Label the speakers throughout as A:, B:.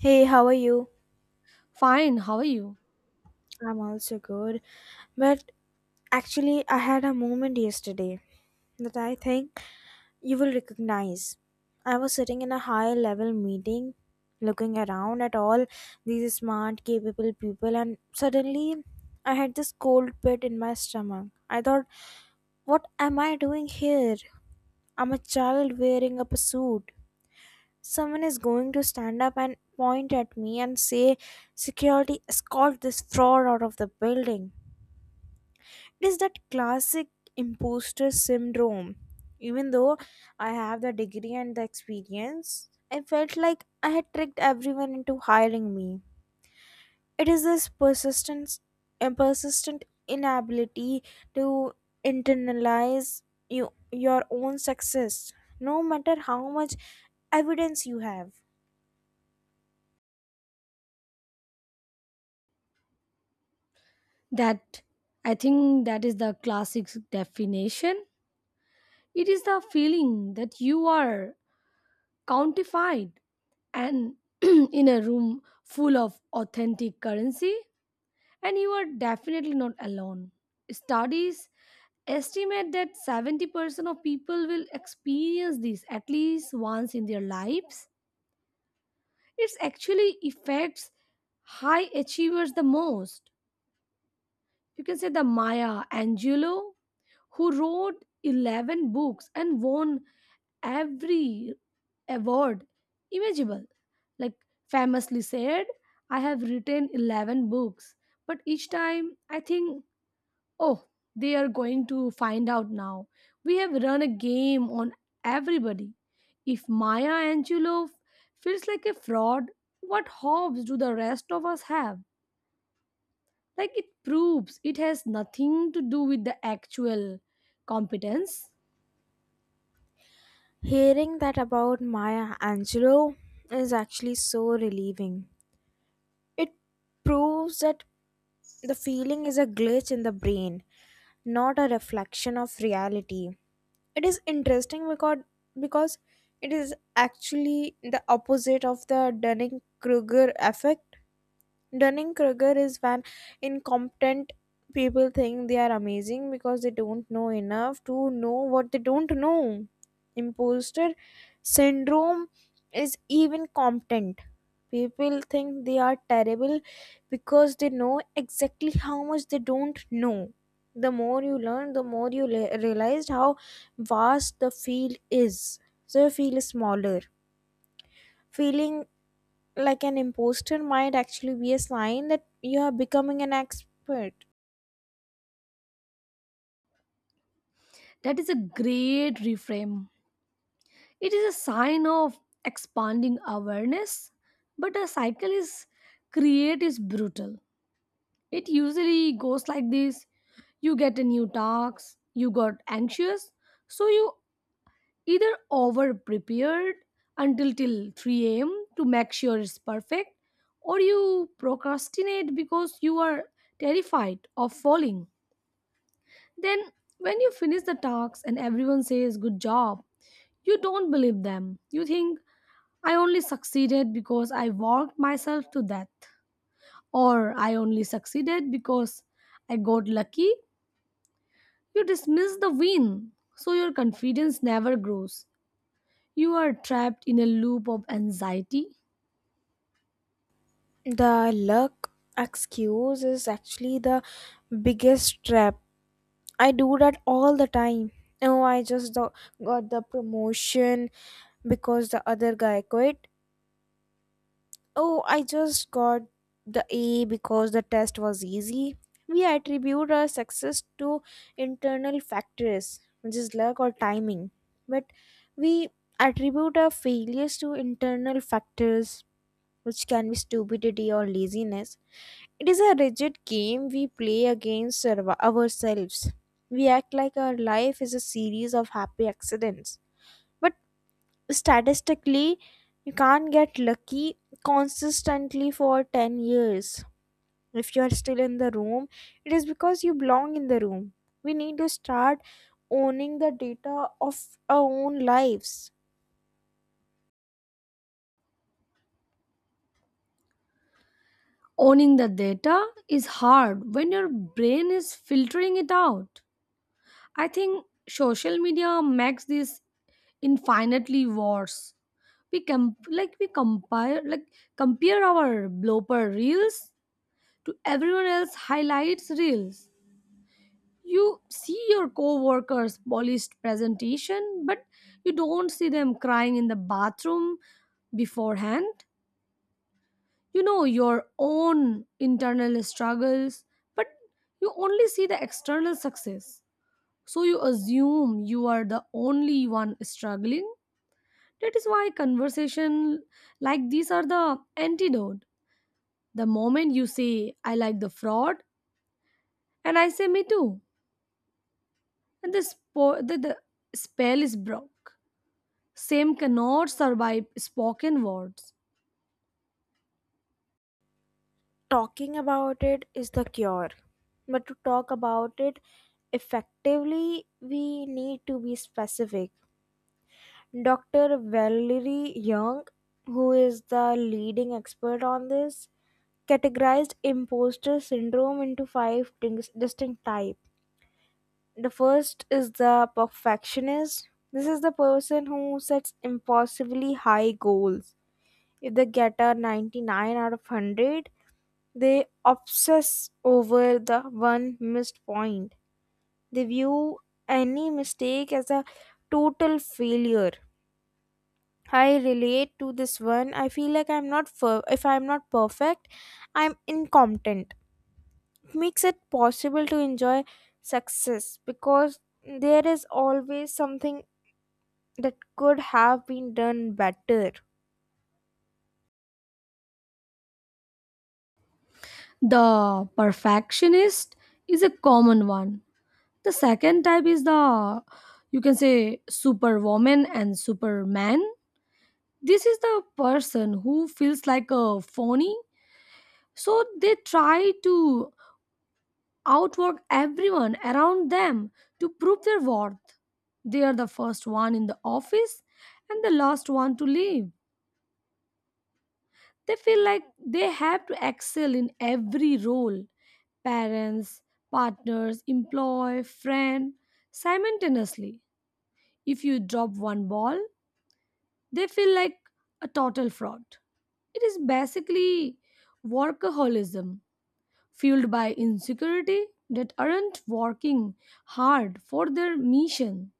A: Hey, how are you?
B: Fine, how are you?
A: I'm also good. But I had a moment yesterday that I think you will recognize. I was sitting in a high level meeting, looking around at all these smart, capable people, and suddenly I had this cold pit in my stomach. I thought, what am I doing here? I'm a child wearing up a suit. Someone is going to stand up and point at me and say, "Security, escort this fraud out of the building." It is that classic imposter syndrome. Even though I have the degree and the experience, I felt like I had tricked everyone into hiring me. It is this persistence a persistent inability to internalize your own success, no matter how much evidence you have.
B: That I think that is the classic definition. It is the feeling that you are countified and in a room full of authentic currency, and you are definitely not alone. Studies estimate that 70% of people will experience this at least once in their lives. It actually affects high achievers the most. You can say the Maya Angelou, who wrote 11 books and won every award imaginable. Like, famously said, I have written 11 books, but each time I think, oh, they are going to find out now. We have run a game on everybody. If Maya Angelou feels like a fraud, what hopes do the rest of us have? Like, it proves it has nothing to do with the actual competence.
A: Hearing that about Maya Angelou is actually so relieving. It proves that the feeling is a glitch in the brain, not a reflection of reality. It is interesting because it is actually the opposite of the Dunning-Kruger effect. Dunning-Kruger is when incompetent people think they are amazing because they don't know enough to know what they don't know. Imposter syndrome is even competent. People think they are terrible because they know exactly how much they don't know. The more you learn, the more you realize how vast the field is. So you feel smaller, feeling like an imposter might actually be a sign that you are becoming an expert.
B: That is a great reframe. It is a sign of expanding awareness, but a cycle is create is brutal. It usually goes like this, you get a new task, you got anxious, so you either over prepared until till 3 a.m. to make sure it's perfect, or you procrastinate because you are terrified of falling. Then, when you finish the task and everyone says good job, you don't believe them. You think, I only succeeded because I worked myself to death. Or I only succeeded because I got lucky. You dismiss the win. So your confidence never grows. You are trapped in a loop of anxiety.
A: The luck excuse is actually the biggest trap. I do that all the time. Oh, I just got the promotion because the other guy quit. Oh, I just got the A because the test was easy. We attribute our success to internal factors, which is luck or timing. But we attribute our failures to internal factors, which can be stupidity or laziness. It is a rigid game we play against ourselves. We act like our life is a series of happy accidents. But statistically, you can't get lucky consistently for 10 years. If you are still in the room, it is because you belong in the room. We need to start owning the data of our own lives.
B: Owning the data is hard when your brain is filtering it out. I think social media makes this infinitely worse. We compare our blooper reels to everyone else highlights reels. You see your co-workers' polished presentation, but you don't see them crying in the bathroom beforehand. You know your own internal struggles, but you only see the external success. So you assume you are the only one struggling. That is why conversation like these are the antidote. The moment you say, I like the fraud, and I say, me too, and the spell is broke. Same cannot survive spoken words.
A: Talking about it is the cure, but to talk about it effectively, we need to be specific. Dr. Valerie Young, who is the leading expert on this, categorized imposter syndrome into five distinct types. The first is the perfectionist. This is the person who sets impossibly high goals. If they get a 99 out of 100, they obsess over the one missed point. They view any mistake as a total failure. I relate to this one. I feel like I'm not fer- if I'm not perfect, I'm incompetent. Makes it possible to enjoy success because there is always something that could have been done better.
B: The perfectionist is a common one. The second type is the, you can say, superwoman and superman. This is the person who feels like a phony, so they try to outwork everyone around them to prove their worth. They are the first one in the office and the last one to leave. They feel like they have to excel in every role: parents, partners, employee, friend, simultaneously. If you drop one ball, they feel like a total fraud. It is basically workaholism fueled by insecurity that aren't working hard for their mission.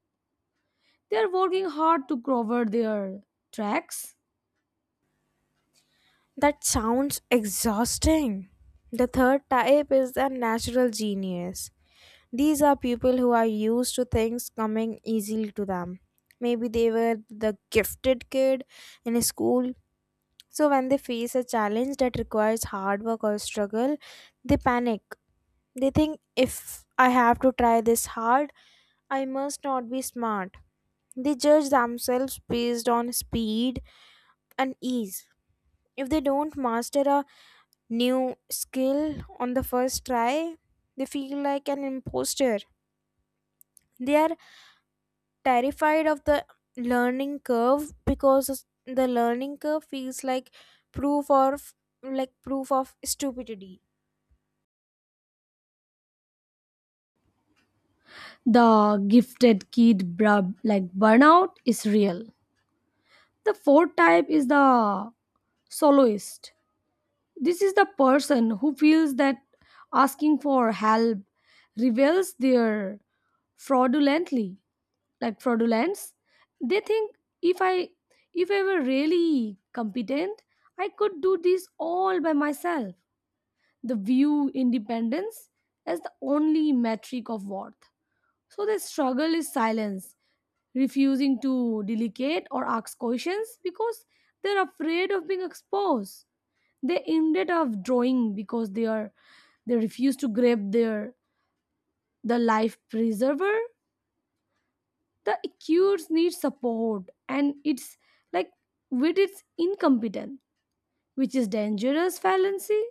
B: They are working hard to cover their tracks.
A: That sounds exhausting. The third type is the natural genius. These are people who are used to things coming easily to them. Maybe they were the gifted kid in school. So, when they face a challenge that requires hard work or struggle, they panic. They think, if I have to try this hard, I must not be smart. They judge themselves based on speed and ease. If they don't master a new skill on the first try, they feel like an imposter. They are terrified of the learning curve because the learning curve feels proof of like proof of stupidity.
B: The gifted kid brub like burnout is real. The fourth type is the soloist. This is the person who feels that asking for help reveals their fraudulently. Like fraudulence, they think, if i if I were really competent, I could do this all by myself. The view independence as the only metric of worth, so the struggle is silence, refusing to delegate or ask questions because they're afraid of being exposed. They ended up drawing because they refuse to grab the life preserver. The acute needs support and it's like with its incompetent, which is dangerous fallacy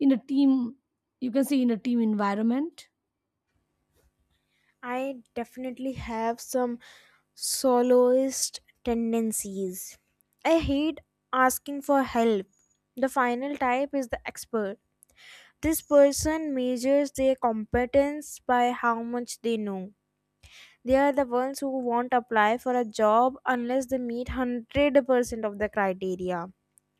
B: in a team. You can see in a team environment
A: I definitely have some soloist tendencies. I hate asking for help. The final type is the expert. This person measures their competence by how much they know. They are the ones who won't apply for a job unless they meet 100% of the criteria.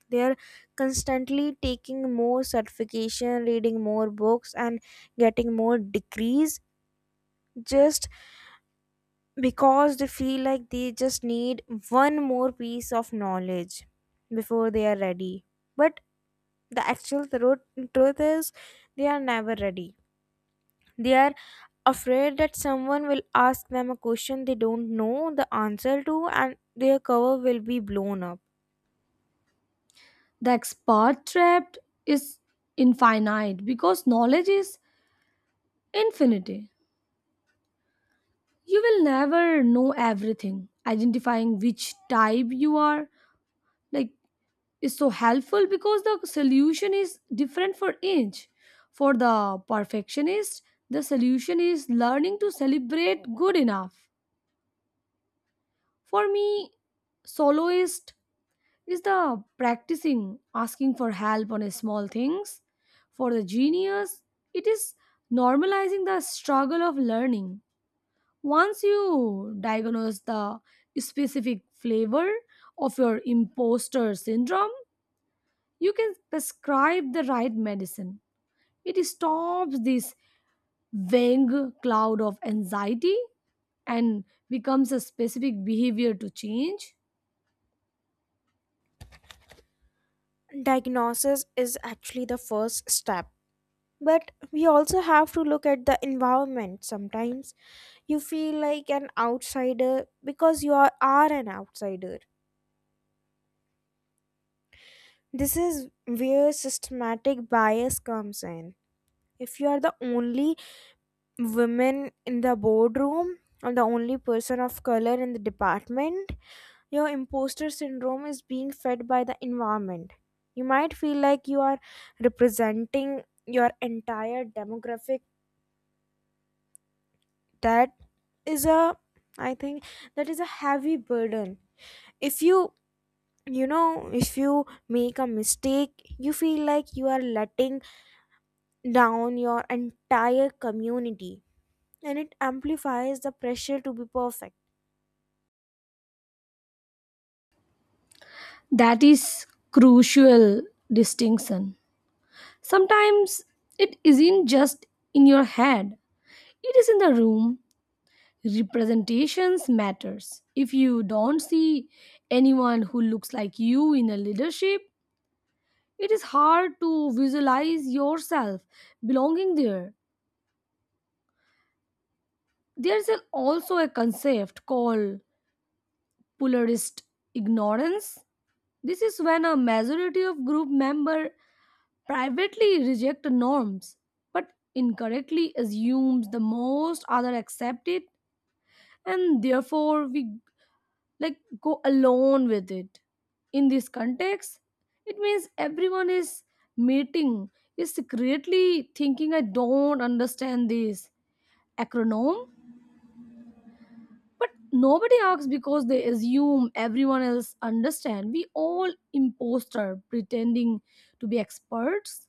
A: They are constantly taking more certification, reading more books, and getting more degrees just because they feel like they just need one more piece of knowledge before they are ready. But the actual truth is they are never ready. They are afraid that someone will ask them a question they don't know the answer to and their cover will be blown up.
B: the expert trapped is infinite because knowledge is infinity. You will never know everything. Identifying which type you are, like is so helpful because the solution is different for each. For the perfectionist, the solution is learning to celebrate good enough. For me, soloist is the practicing asking for help on a small things. For the genius, it is normalizing the struggle of learning. Once you diagnose the specific flavor of your imposter syndrome, you can prescribe the right medicine. It stops this vague cloud of anxiety and becomes a specific behavior to change.
A: Diagnosis is actually the first step, but we also have to look at the environment. Sometimes you feel like an outsider because you are an outsider. This is where systematic bias comes in. If you are the only woman in the boardroom or the only person of color in the department, your imposter syndrome is being fed by the environment. You might feel like you are representing your entire demographic. That is , I think, that is a heavy burden. If you if you make a mistake, you feel like you are letting down your entire community, and it amplifies the pressure to be perfect.
B: That is crucial distinction. Sometimes it isn't just in your head, it is in the room. Representations matters. If you don't see anyone who looks like you in a leadership, it is hard to visualize yourself belonging there. There's an, also a concept called polarist ignorance. This is when a majority of group member privately reject norms but incorrectly assumes the most other accept it, and therefore we go along with it. In this context, it means everyone is meeting is secretly thinking, I don't understand this acronym. But nobody asks because they assume everyone else understand. We all imposter pretending to be experts.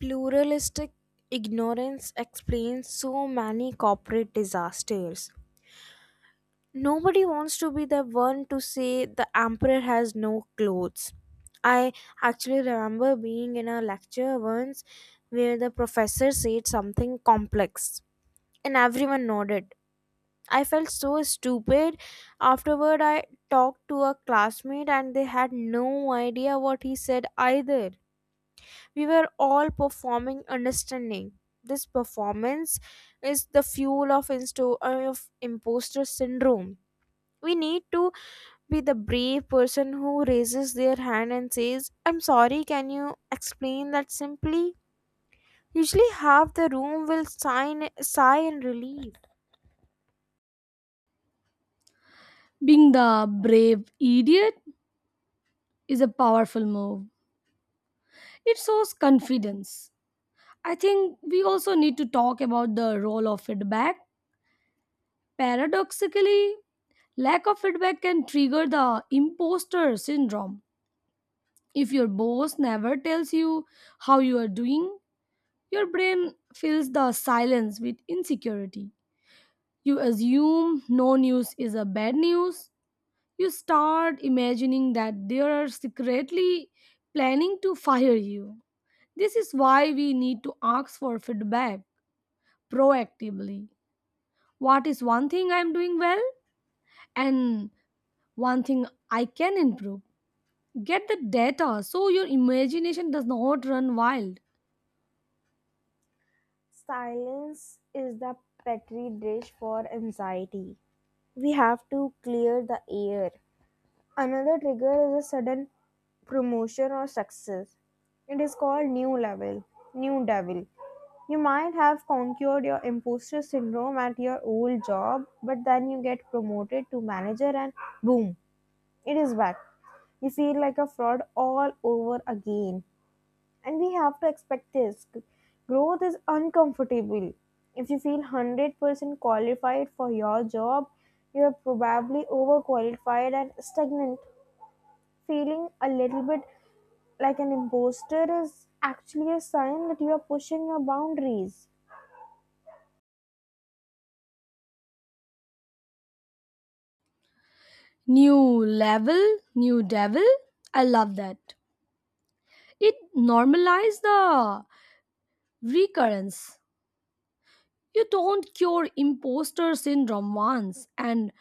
A: Pluralistic ignorance explains so many corporate disasters. Nobody wants to be the one to say the emperor has no clothes. I actually remember being in a lecture once where the professor said something complex and everyone nodded. I felt so stupid. Afterward, I talked to a classmate and they had no idea what he said either. We were all performing understanding. This performance is the fuel of imposter syndrome. We need to be the brave person who raises their hand and says, "I'm sorry, can you explain that simply?" Usually, half the room will sigh in relief.
B: Being the brave idiot is a powerful move. It shows confidence. I think we also need to talk about the role of feedback. Paradoxically, lack of feedback can trigger the imposter syndrome. If your boss never tells you how you are doing, your brain fills the silence with insecurity. You assume no news is a bad news. You start imagining that they are secretly planning to fire you. This is why we need to ask for feedback proactively. What is one thing I'm doing well and one thing I can improve? Get the data so your imagination does not run wild.
A: Silence is the petri dish for anxiety. We have to clear the air. Another trigger is a sudden promotion or success. It is called new level, new devil. You might have conquered your imposter syndrome at your old job, but then you get promoted to manager and boom, it is back. You feel like a fraud all over again, and we have to expect this. Growth is uncomfortable. If you feel 100% qualified for your job, you are probably overqualified and stagnant. Feeling a little bit like an imposter is actually a sign that you are pushing your boundaries.
B: New level, new devil. I love that. It normalizes the recurrence. You don't cure imposter syndrome once and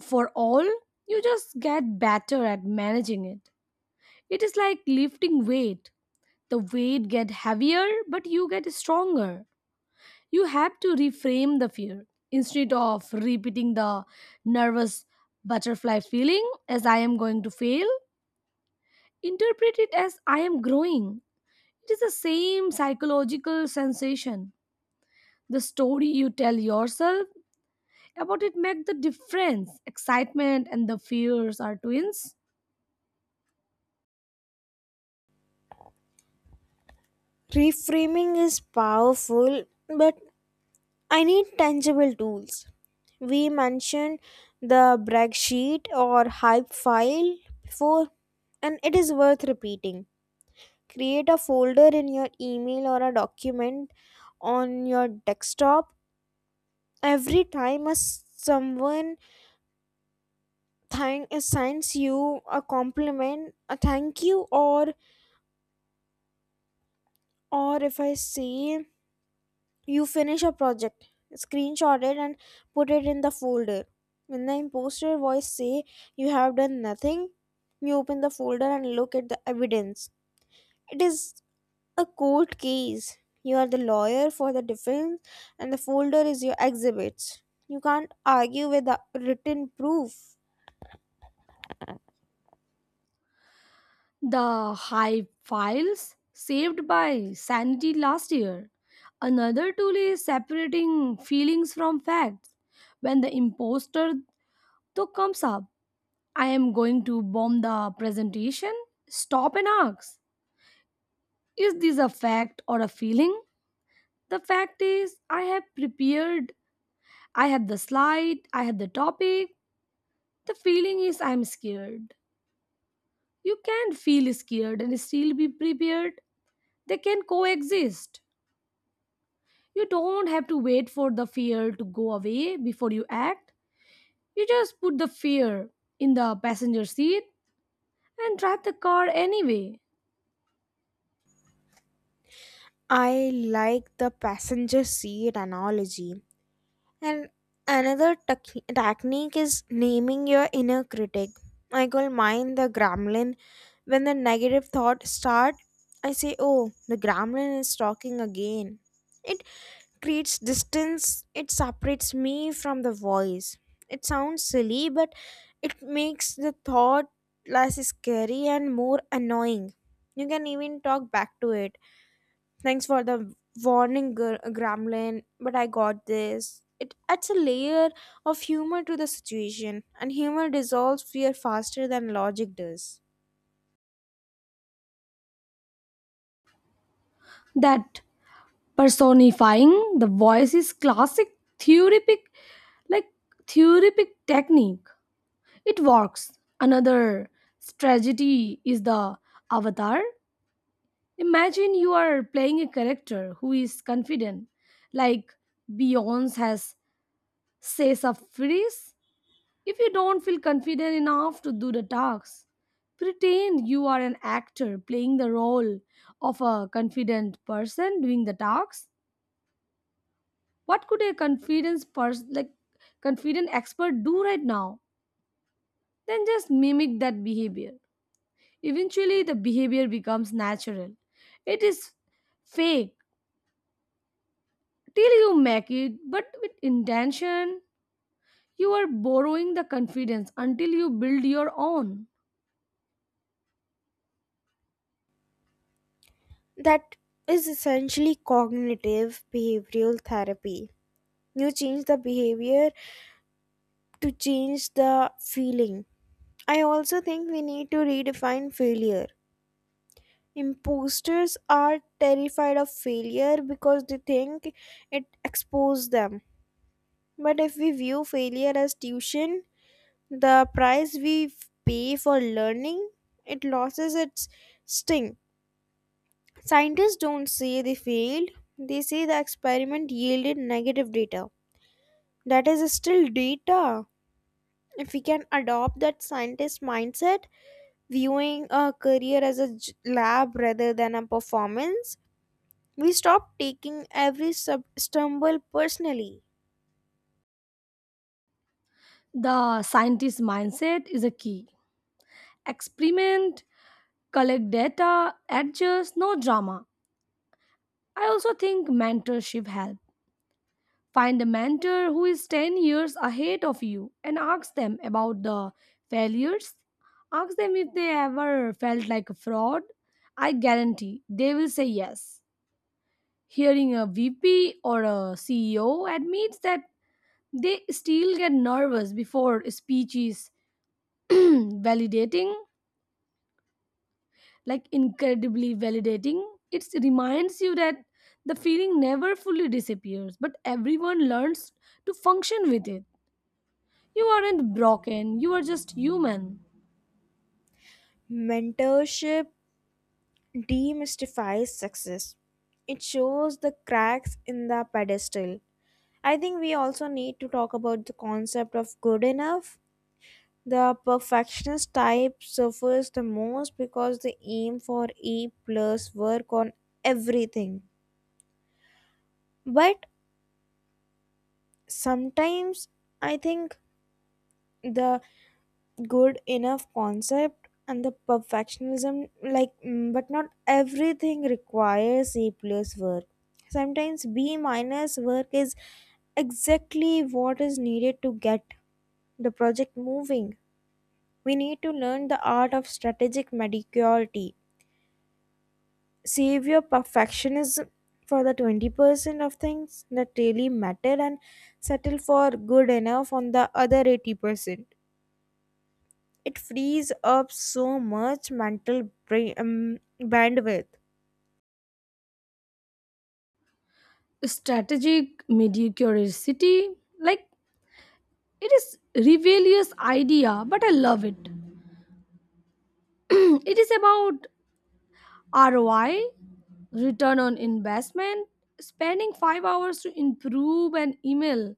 B: for all, you just get better at managing it. It is like lifting weight. The weight get heavier, but you get stronger. You have to reframe the fear. Instead of repeating the nervous butterfly feeling as I am going to fail, interpret it as I am growing. It is the same psychological sensation. The story you tell yourself about it make the difference. Excitement and the fears are twins.
A: Reframing is powerful, but I need tangible tools. We mentioned the brag sheet or hype file before, and it is worth repeating. Create a folder in your email or a document on your desktop. Every time someone thank assigns you a compliment, a thank you, or if I say you finish a project, screenshot it and put it in the folder. When the imposter voice say you have done nothing, you open the folder and look at the evidence. It is a court case. You are the lawyer for the defense, and the folder is your exhibits. You can't argue with the written proof.
B: The high files saved by sanity last year. Another tool is separating feelings from facts. When the imposter though comes up, I am going to bomb the presentation. Stop and ask, is this a fact or a feeling? The fact is, I have prepared, I have the slide, I have the topic. The feeling is I'm scared. You can feel scared and still be prepared. They can coexist. You don't have to wait for the fear to go away before you act. You just put the fear in the passenger seat and drive the car anyway.
A: I like the passenger seat analogy. And another technique is naming your inner critic. I call mine the gremlin. When the negative thoughts start, I say, "Oh, the gremlin is talking again." It creates distance, it separates me from the voice. It sounds silly, but it makes the thought less scary and more annoying. You can even talk back to it. "Thanks for the warning, Gremlin, but I got this." It adds a layer of humor to the situation, and humor dissolves fear faster than logic does.
B: That personifying the voice is classic like theoretic technique. It works. Another strategy is the avatar. Imagine you are playing a character who is confident, like Beyonce has says a phrase. If you don't feel confident enough to do the talks, pretend you are an actor playing the role of a confident person doing the talks. What could a confidence person like confident expert do right now? Then just mimic that behavior. Eventually the behavior becomes natural. It is fake till you make it, but with intention, you are borrowing the confidence until you build your own.
A: That is essentially cognitive behavioral therapy. You change the behavior to change the feeling. I also think we need to redefine failure. Imposters are terrified of failure because they think it exposes them. But if we view failure as tuition, the price we pay for learning, it loses its sting. Scientists don't say they failed, they say the experiment yielded negative data. That is still data. If we can adopt that scientist mindset, viewing a career as a lab rather than a performance, we stop taking every stumble personally.
B: The scientist mindset is a key: experiment, collect data, adjust, no drama. I also think mentorship helps. Find a mentor who is 10 years ahead of you and ask them about the failures. Ask them if they ever felt like a fraud. I guarantee they will say yes. Hearing a VP or a CEO admits that they still get nervous before speeches validating, like incredibly validating. It reminds you that the feeling never fully disappears, but everyone learns to function with it. You aren't broken, you are just human.
A: Mentorship demystifies success. It shows the cracks in the pedestal. I think we also need to talk about the concept of good enough. The perfectionist type suffers the most because they aim for A plus work on everything. But sometimes I think the good enough concept and the perfectionism, but not everything requires a plus work. Sometimes B minus work is exactly what is needed to get the project moving. We need to learn the art of strategic mediocrity. Save your perfectionism for the 20% of things that really matter and settle for good enough on the other 80%. It frees up so much mental bandwidth.
B: Strategic mediocrity, like it is rebellious idea, but I love it. It is about ROI, return on investment. Spending 5 hours to improve an email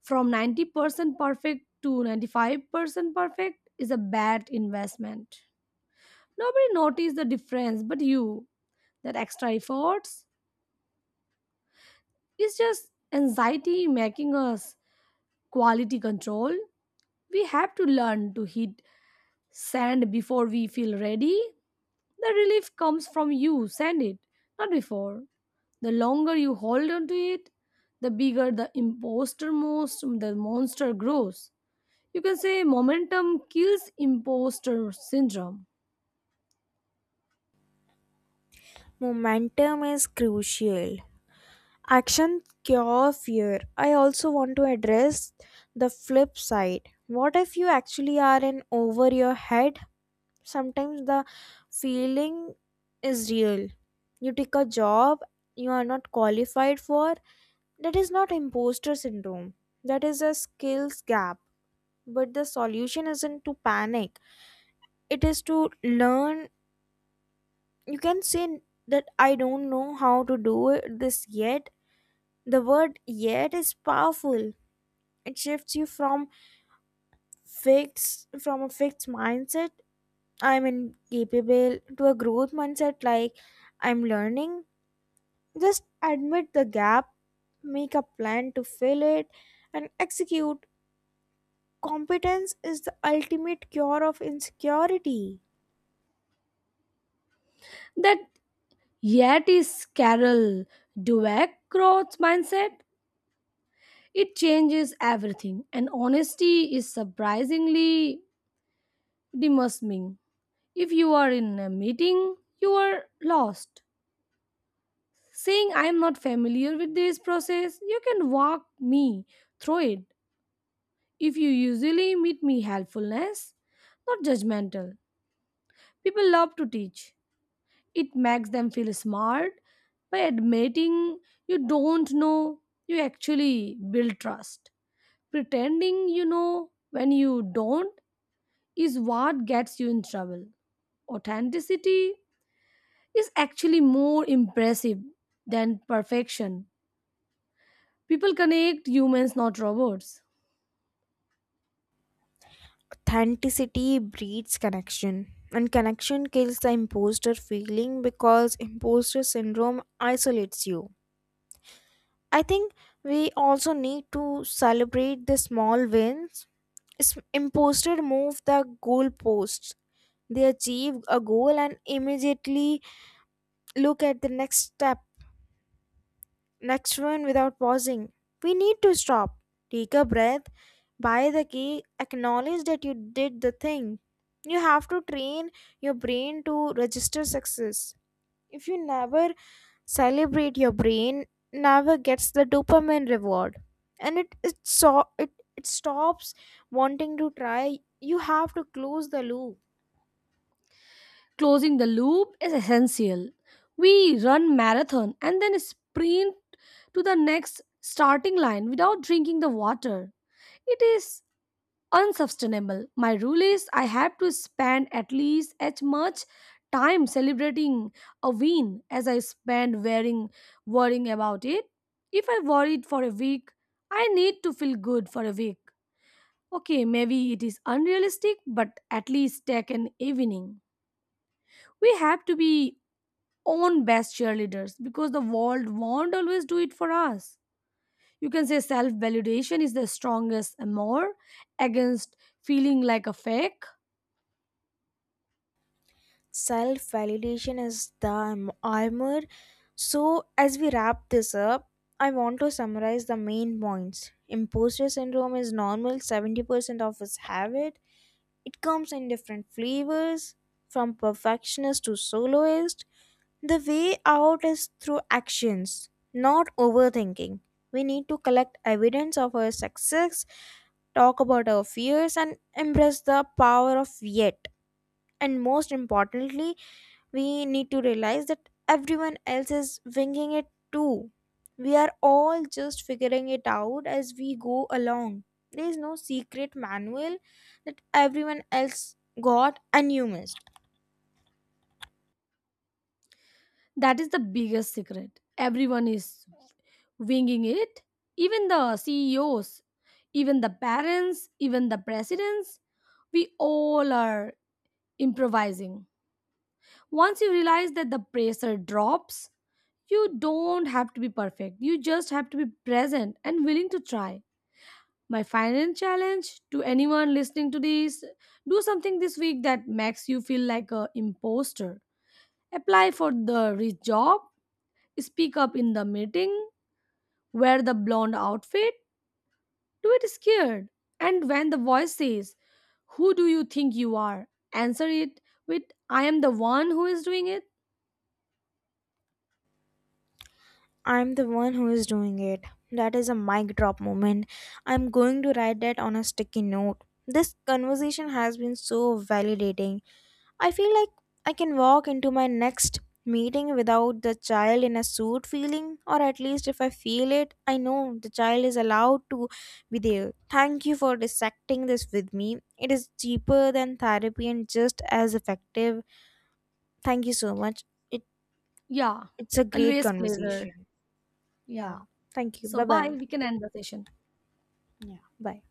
B: from 90% perfect to 95% perfect is a bad investment. Nobody noticed the difference but you. That extra efforts is just anxiety making us quality control. We have to learn to hit send before we feel ready. The relief comes from you send it, not before. The longer you hold on to it, the bigger the imposter most, the monster grows. You can say momentum kills imposter syndrome.
A: Momentum is crucial. Action cure fear. I also want to address the flip side. What if you actually are in over your head? Sometimes the feeling is real. You take a job you are not qualified for. That is not imposter syndrome. That is a skills gap. But the solution isn't to panic, it is to learn. You can say that I don't know how to this yet. The word yet is powerful. It shifts you from a fixed mindset, I'm incapable, to a growth mindset, like I'm learning. Just admit the gap, make a plan to fill it, and execute. Competence is the ultimate cure of insecurity.
B: That yet is Carol Dweck mindset. It changes everything, and honesty is surprisingly demurring. If you are in a meeting, you are lost. Saying I am not familiar with this process, you can walk me through it. If you usually meet me helpfulness, not judgmental. People love to teach. It makes them feel smart by admitting you don't know. You actually build trust. Pretending you know when you don't is what gets you in trouble. Authenticity is actually more impressive than perfection. People connect humans, not robots.
A: Authenticity breeds connection, and connection kills the imposter feeling because imposter syndrome isolates you. I think we also need to celebrate the small wins. Imposter move the goalposts. They achieve a goal and immediately look at the next step, next one without pausing. We need to stop. Take a breath, buy the key, acknowledge that you did the thing. You have to train your brain to register success. If you never celebrate, your brain never gets the dopamine reward. And it stops wanting to try. You have to close the loop.
B: Closing the loop is essential. We run marathon and then sprint to the next starting line without drinking the water. It is unsustainable. My rule is I have to spend at least as much time celebrating a win as I spend worrying about it. If I worried for a week, I need to feel good for a week. Okay, maybe it is unrealistic, but at least take an evening. We have to be own best cheerleaders because the world won't always do it for us. You can say self validation is the strongest amour against feeling like a fake.
A: Self validation is the armor. So, as we wrap this up, I want to summarize the main points. Imposter syndrome is normal, 70% of us have it. It comes in different flavors, from perfectionist to soloist. The way out is through actions, not overthinking. We need to collect evidence of our success, talk about our fears, and embrace the power of yet. And most importantly, we need to realize that everyone else is winging it too. We are all just figuring it out as we go along. There is no secret manual that everyone else got and you missed.
B: That is the biggest secret. Everyone is winging it, even the CEOs, even the parents, even the presidents. We all are improvising. Once you realize that the pressure drops, you don't have to be perfect. You just have to be present and willing to try. My final challenge to anyone listening to this, do something this week that makes you feel like a imposter. Apply for the rich job, speak up in the meeting, wear the blonde outfit, do it scared. And when the voice says, who do you think you are? Answer it with, I am the one who is doing it.
A: I'm the one who is doing it. That is a mic drop moment. I'm going to write that on a sticky note. This conversation has been so validating. I feel like I can walk into my next meeting without the child in a suit feeling, or at least if I feel it, I know the child is allowed to be there. Thank you for dissecting this with me. It is cheaper than therapy and just as effective. Thank you so much. It,
B: Yeah,
A: it's a great
B: always pleasure.
A: conversation. Yeah.
B: Yeah.
A: Thank you.
B: So,
A: Bye
B: bye.
A: bye.
B: We can end the session.
A: Yeah. Bye.